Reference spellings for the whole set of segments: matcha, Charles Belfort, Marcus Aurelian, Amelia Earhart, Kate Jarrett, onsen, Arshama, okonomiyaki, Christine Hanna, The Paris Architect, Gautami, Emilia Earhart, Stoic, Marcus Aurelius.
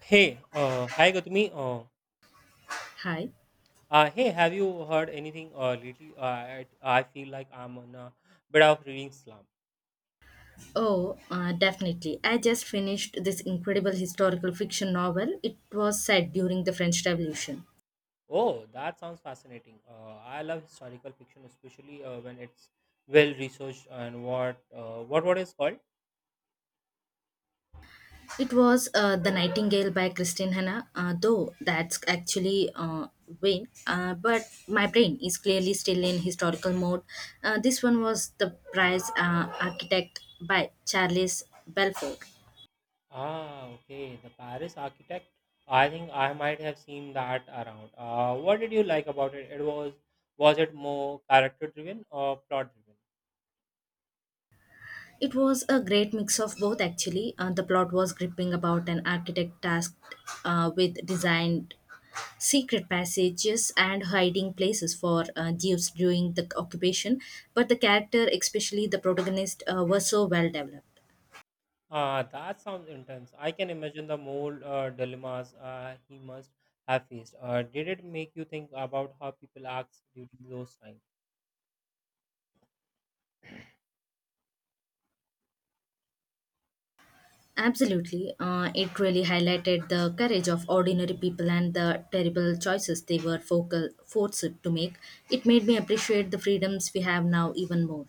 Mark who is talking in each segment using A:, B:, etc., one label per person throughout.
A: Hey, hi Gautami.
B: Hi.
A: Hey, have you heard anything lately? I feel like I'm on a bit of reading slump.
B: Oh, Definitely. I just finished this incredible historical fiction novel. It was set during the French Revolution.
A: Oh, that sounds fascinating. I love historical fiction, especially when it's well researched and what is called.
B: It was The Nightingale by Christine Hanna, though that's actually vain. But my brain is clearly still in historical mode. This one was The Prize Architect by Charles Belfort.
A: Ah, okay, the Paris Architect. I think I might have seen that around. What did you like about it? Was it more character driven or plot driven?
B: It was a great mix of both, actually. The plot was gripping about an architect tasked with design secret passages and hiding places for Jews during the occupation, but the character, especially the protagonist, were so well developed.
A: That sounds intense. I can imagine the moral dilemmas he must have faced. Did it make you think about how people act during those times?
B: Absolutely, it really highlighted the courage of ordinary people and the terrible choices they were focal forced to make. It made me appreciate the freedoms we have now even more.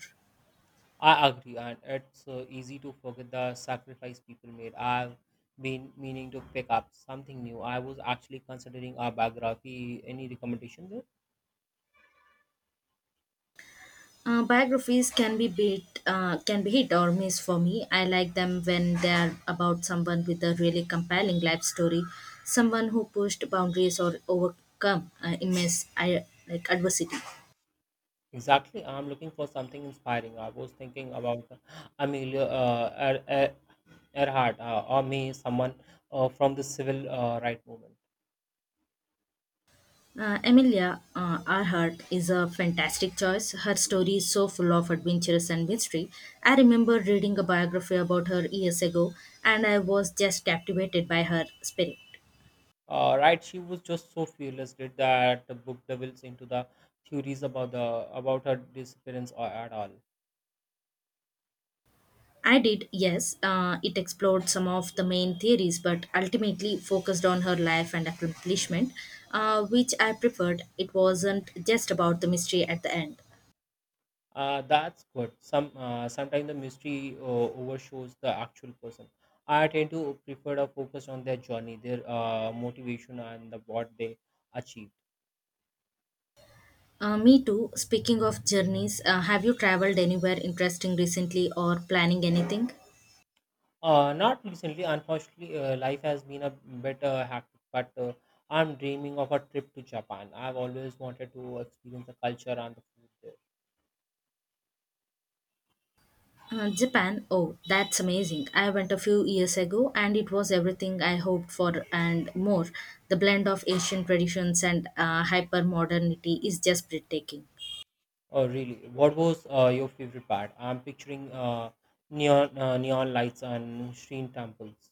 A: I agree, and it's easy to forget the sacrifice people made. I've been meaning to pick up something new. I was actually considering a biography. Any recommendation there?
B: Biographies can be bit can be hit or miss for me. I like them when they are about someone with a really compelling life story, someone who pushed boundaries or overcome immense like adversity.
A: Exactly. I'm looking for something inspiring. I was thinking about Amelia Earhart, or me, someone from the civil right movement.
B: Emilia Earhart is a fantastic choice. Her story is so full of adventures and mystery. I remember reading a biography about her years ago, and I was just captivated by her spirit.
A: Right, she was just so fearless. Did that the book delves into the theories about the about her disappearance or at all?
B: I did, yes. It explored some of the main theories, but ultimately focused on her life and accomplishment, which I preferred. It wasn't just about the mystery at the end.
A: That's good. Sometimes the mystery overshadows the actual person. I tend to prefer to focus on their journey, their motivation, and what they achieved.
B: Me too. Speaking of journeys, have you traveled anywhere interesting recently or planning anything?
A: Not recently, unfortunately. Life has been a bit hectic, but I'm dreaming of a trip to Japan. I've always wanted to experience the culture and the food there.
B: Japan. Oh, that's amazing. I went a few years ago and it was everything I hoped for and more. The blend of Asian traditions and hyper modernity is just breathtaking.
A: Oh, really? What was your favorite part? I'm picturing neon lights and shrine temples.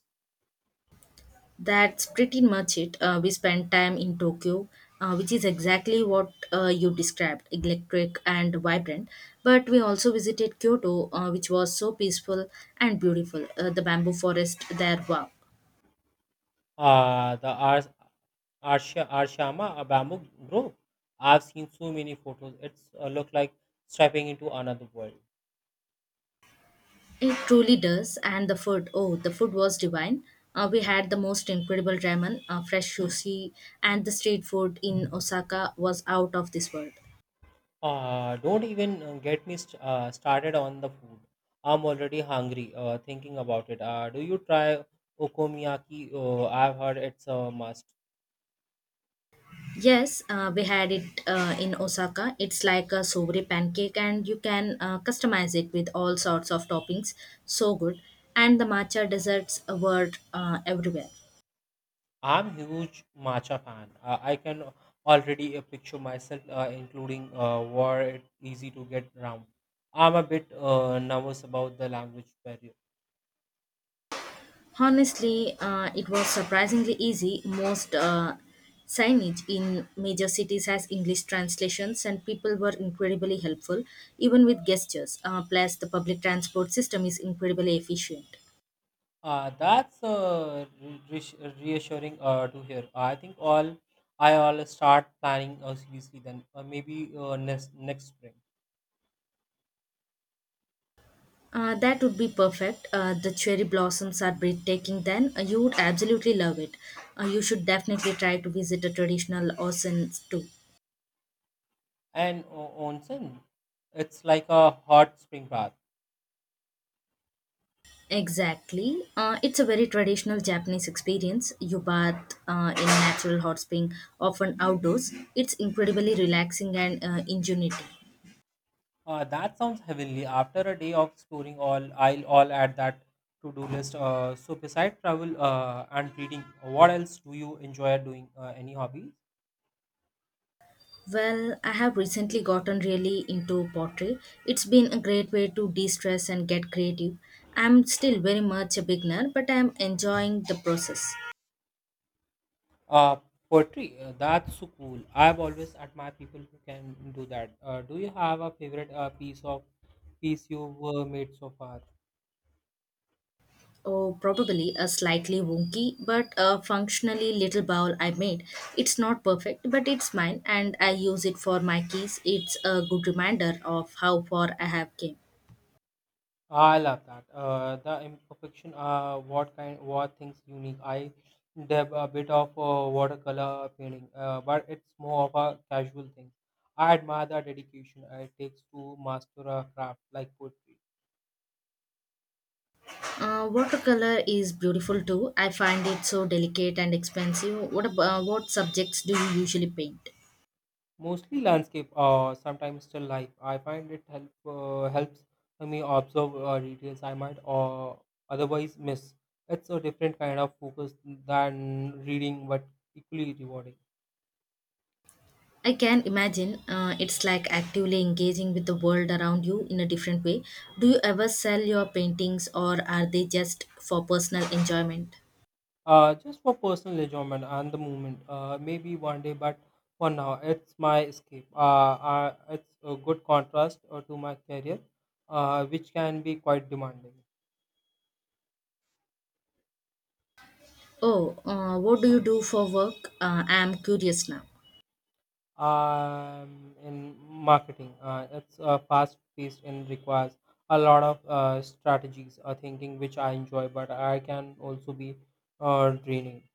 B: That's pretty much it. We spent time in Tokyo, which is exactly what you described electric and vibrant. But we also visited Kyoto, which was so peaceful and beautiful. The bamboo forest there, wow.
A: The Arshama bamboo grove. I've seen so many photos. It's look like stepping into another world.
B: It truly does. And the food, oh, the food was divine. We had the most incredible ramen, fresh sushi, and the street food in Osaka was out of this world.
A: Don't even get me started on the food. I'm already hungry thinking about it. Do you try okonomiyaki? I've heard it's a must.
B: Yes, we had it in Osaka. It's like a sobre pancake, and you can customize it with all sorts of toppings. So good. And the matcha desserts were everywhere.
A: I'm huge matcha fan. I can already picture myself including where it's easy to get around. I'm a bit nervous about the language barrier.
B: Honestly, it was surprisingly easy. Most signage in major cities has English translations, and people were incredibly helpful, even with gestures. Plus, the public transport system is incredibly efficient.
A: That's reassuring to hear. I think all I all start planning seriously then, maybe next spring.
B: That would be perfect. The cherry blossoms are breathtaking then. You would absolutely love it. You should definitely try to visit a traditional Osen too.
A: And onsen, it's like a hot spring bath.
B: Exactly. It's a very traditional Japanese experience. You bath in natural hot spring, often outdoors. It's incredibly relaxing and ingenuity.
A: That sounds heavenly. After a day of exploring all, I'll all add that to-do list. So beside travel and reading, what else do you enjoy doing? Any hobbies?
B: Well, I have recently gotten really into pottery. It's been a great way to de stress and get creative. I'm still very much a beginner, but I'm enjoying the process.
A: Uh, Poetry. That's so cool. I've always admired people who can do that. Do you have a favorite piece you've made so far?
B: Oh, probably a slightly wonky but a functionally little bowl I made. It's not perfect, but it's mine and I use it for my keys. It's a good reminder of how far I have came.
A: I love that. The imperfection what kind what things unique. I dab a bit of watercolor painting, but it's more of a casual thing. I admire the dedication it takes to master a craft like poetry,
B: Watercolor is beautiful too. I find it so delicate and expensive. What about, what subjects do you usually paint?
A: mostly landscape or sometimes still life. I find it helps me observe details I might or otherwise miss. It's a different kind of focus than reading, but equally rewarding.
B: I can imagine it's like actively engaging with the world around you in a different way. Do you ever sell your paintings or are they just for personal enjoyment?
A: Just for personal enjoyment and the movement. Maybe one day, but for now, it's my escape. It's a good contrast to my career, which can be quite demanding.
B: Oh, what do you do for work? I am curious now.
A: In marketing, it's fast-paced and requires a lot of strategies, thinking, which I enjoy, but I can also be draining.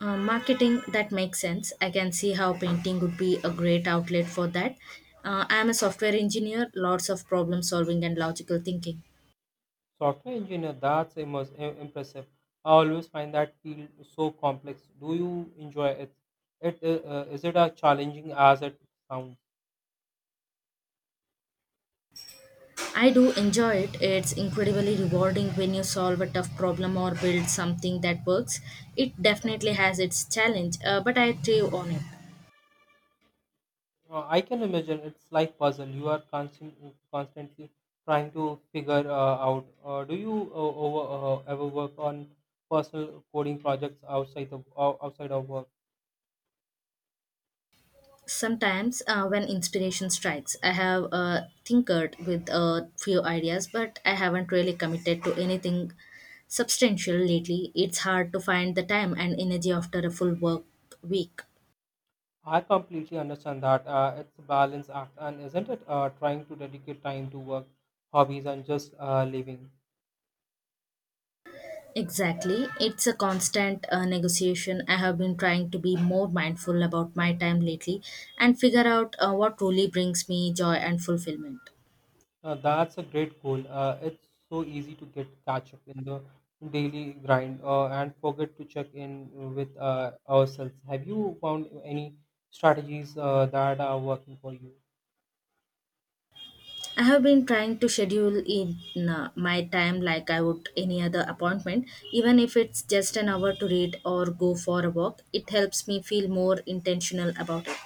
B: Marketing, that makes sense. I can see how painting would be a great outlet for that. I am a software engineer, lots of problem solving and logical thinking.
A: Software engineer, that's impressive. I always find that field so complex. Do you enjoy it? Is it as challenging as it sounds?
B: I do enjoy it. It's incredibly rewarding when you solve a tough problem or build something that works. It definitely has its challenge, but I thrive on it.
A: I can imagine it's like puzzle. You are constantly trying to figure out. Do you over, ever work on personal coding projects outside of outside of work?
B: Sometimes, when inspiration strikes, I have tinkered with a few ideas, but I haven't really committed to anything substantial lately. It's hard to find the time and energy after a full work week.
A: I completely understand that. It's a balance act, and isn't it trying to dedicate time to work, hobbies, and just living?
B: Exactly. It's a constant negotiation. I have been trying to be more mindful about my time lately and figure out what truly brings me joy and fulfillment.
A: That's a great goal. It's so easy to get catch up in the daily grind and forget to check in with ourselves. Have you found any strategies that are working for you?
B: I have been trying to schedule in my time like I would any other appointment, even if it's just an hour to read or go for a walk. It helps me feel more intentional about it.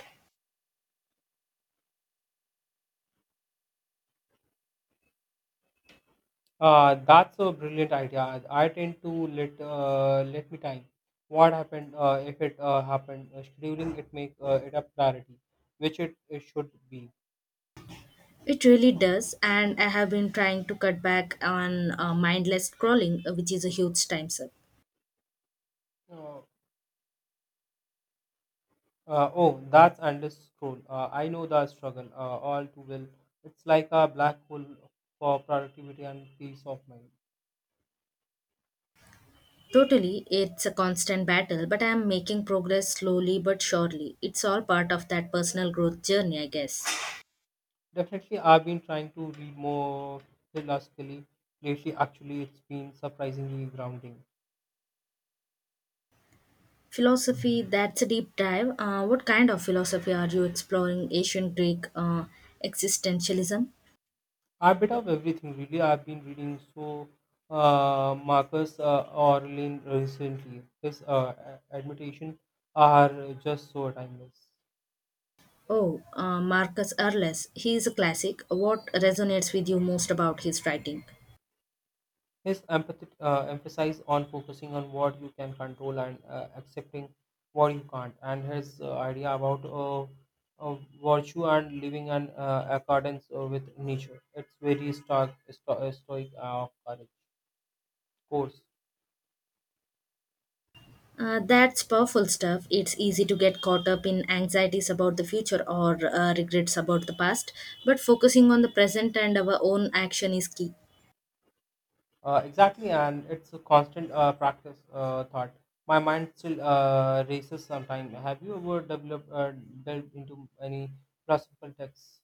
A: That's a brilliant idea. I tend to let let me time. What happened? If it happened, scheduling it make it a priority, which it should be.
B: It really does, and I have been trying to cut back on mindless scrolling, which is a huge time suck.
A: Uh, oh, that's endless scroll. I know the struggle all too well. It's like a black hole for productivity and peace of mind.
B: Totally, it's a constant battle, but I am making progress slowly but surely. It's all part of that personal growth journey, I guess.
A: Definitely, I've been trying to read more philosophically lately. Actually, it's been surprisingly grounding.
B: Philosophy, that's a deep dive. What kind of philosophy are you exploring? Ancient Greek existentialism?
A: A bit of everything, really. I've been reading so Marcus Aurelian recently. His admonition are just so timeless.
B: Oh, Marcus Aurelius. He is a classic. What resonates with you most about his writing?
A: His empathy emphasis on focusing on what you can control and accepting what you can't, and his idea about uh, virtue and living in accordance with nature. It's very stark, stoic courage course.
B: That's powerful stuff. It's easy to get caught up in anxieties about the future or regrets about the past, but focusing on the present and our own action is key.
A: Exactly, and it's a constant practice thought. My mind still races sometimes. Have you ever developed delved into any philosophical texts?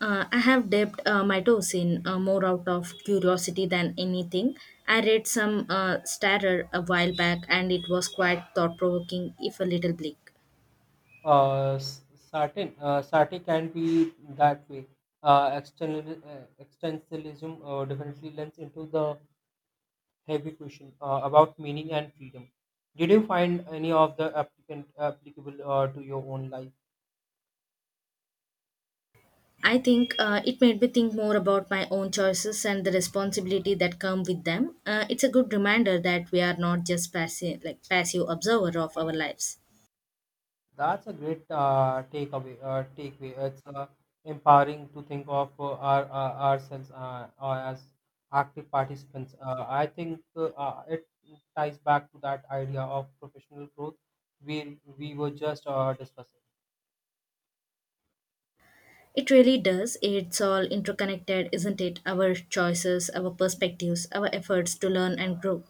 B: I have dipped my toes in more out of curiosity than anything. I read some starer a while back and it was quite thought provoking, if a little bleak.
A: Uh, s- Certain Sati can be that way. Existentialism definitely lends into the heavy question about meaning and freedom. Did you find any of the applicant applicable to your own life?
B: I think it made me think more about my own choices and the responsibility that come with them. It's a good reminder that we are not just passive, like passive observer of our lives.
A: That's a great takeaway. It's empowering to think of ourselves as active participants. I think it ties back to that idea of professional growth we were just discussing.
B: It really does. It's all interconnected, isn't it? Our choices, our perspectives, our efforts to learn and grow.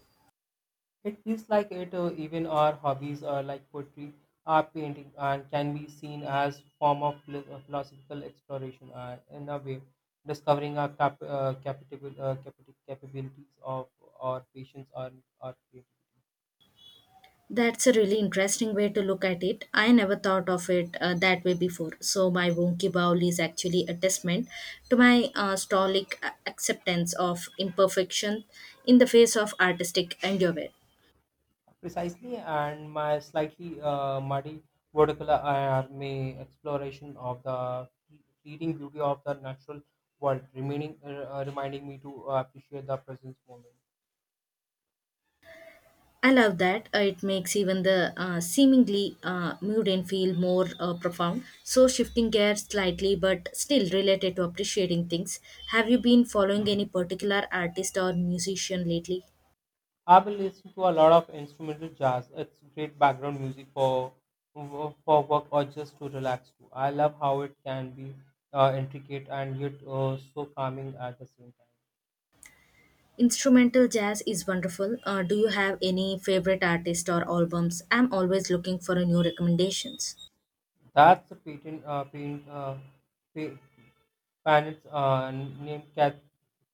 A: It feels like it even our hobbies are like poetry, art, painting, and can be seen as form of philosophical exploration. In a way, discovering our capabilities of our patience or our creativity.
B: That's a really interesting way to look at it. I never thought of it that way before. So, my wonky bowl is actually a testament to my stoic acceptance of imperfection in the face of artistic endeavor.
A: Precisely, and my slightly muddy vertical are my exploration of the fleeting beauty of the natural world, remaining reminding me to appreciate the present moment.
B: I love that. It makes even the seemingly mundane feel more profound. So, shifting gears slightly but still related to appreciating things. Have you been following any particular artist or musician lately?
A: I've been listening to a lot of instrumental jazz. It's great background music for work or just to relax to. I love how it can be intricate and yet so calming at the same time.
B: Instrumental jazz is wonderful. Do you have any favorite artists or albums? I'm always looking for a new recommendations.
A: That's a pa- pianist named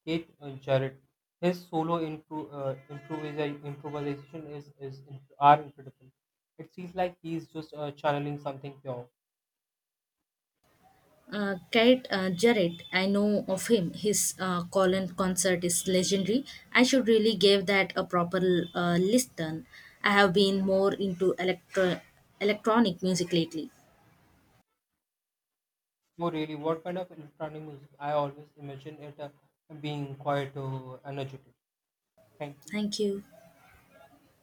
A: Kate Jarrett. His solo improvisation are incredible. It feels like he's just channeling something pure.
B: Kate Jarrett, I know of him. His Colin concert is legendary. I should really give that a proper listen. I have been more into electronic music lately.
A: Oh, really? What kind of electronic music? I always imagine it being quite energetic. Thank you.
B: Thank you.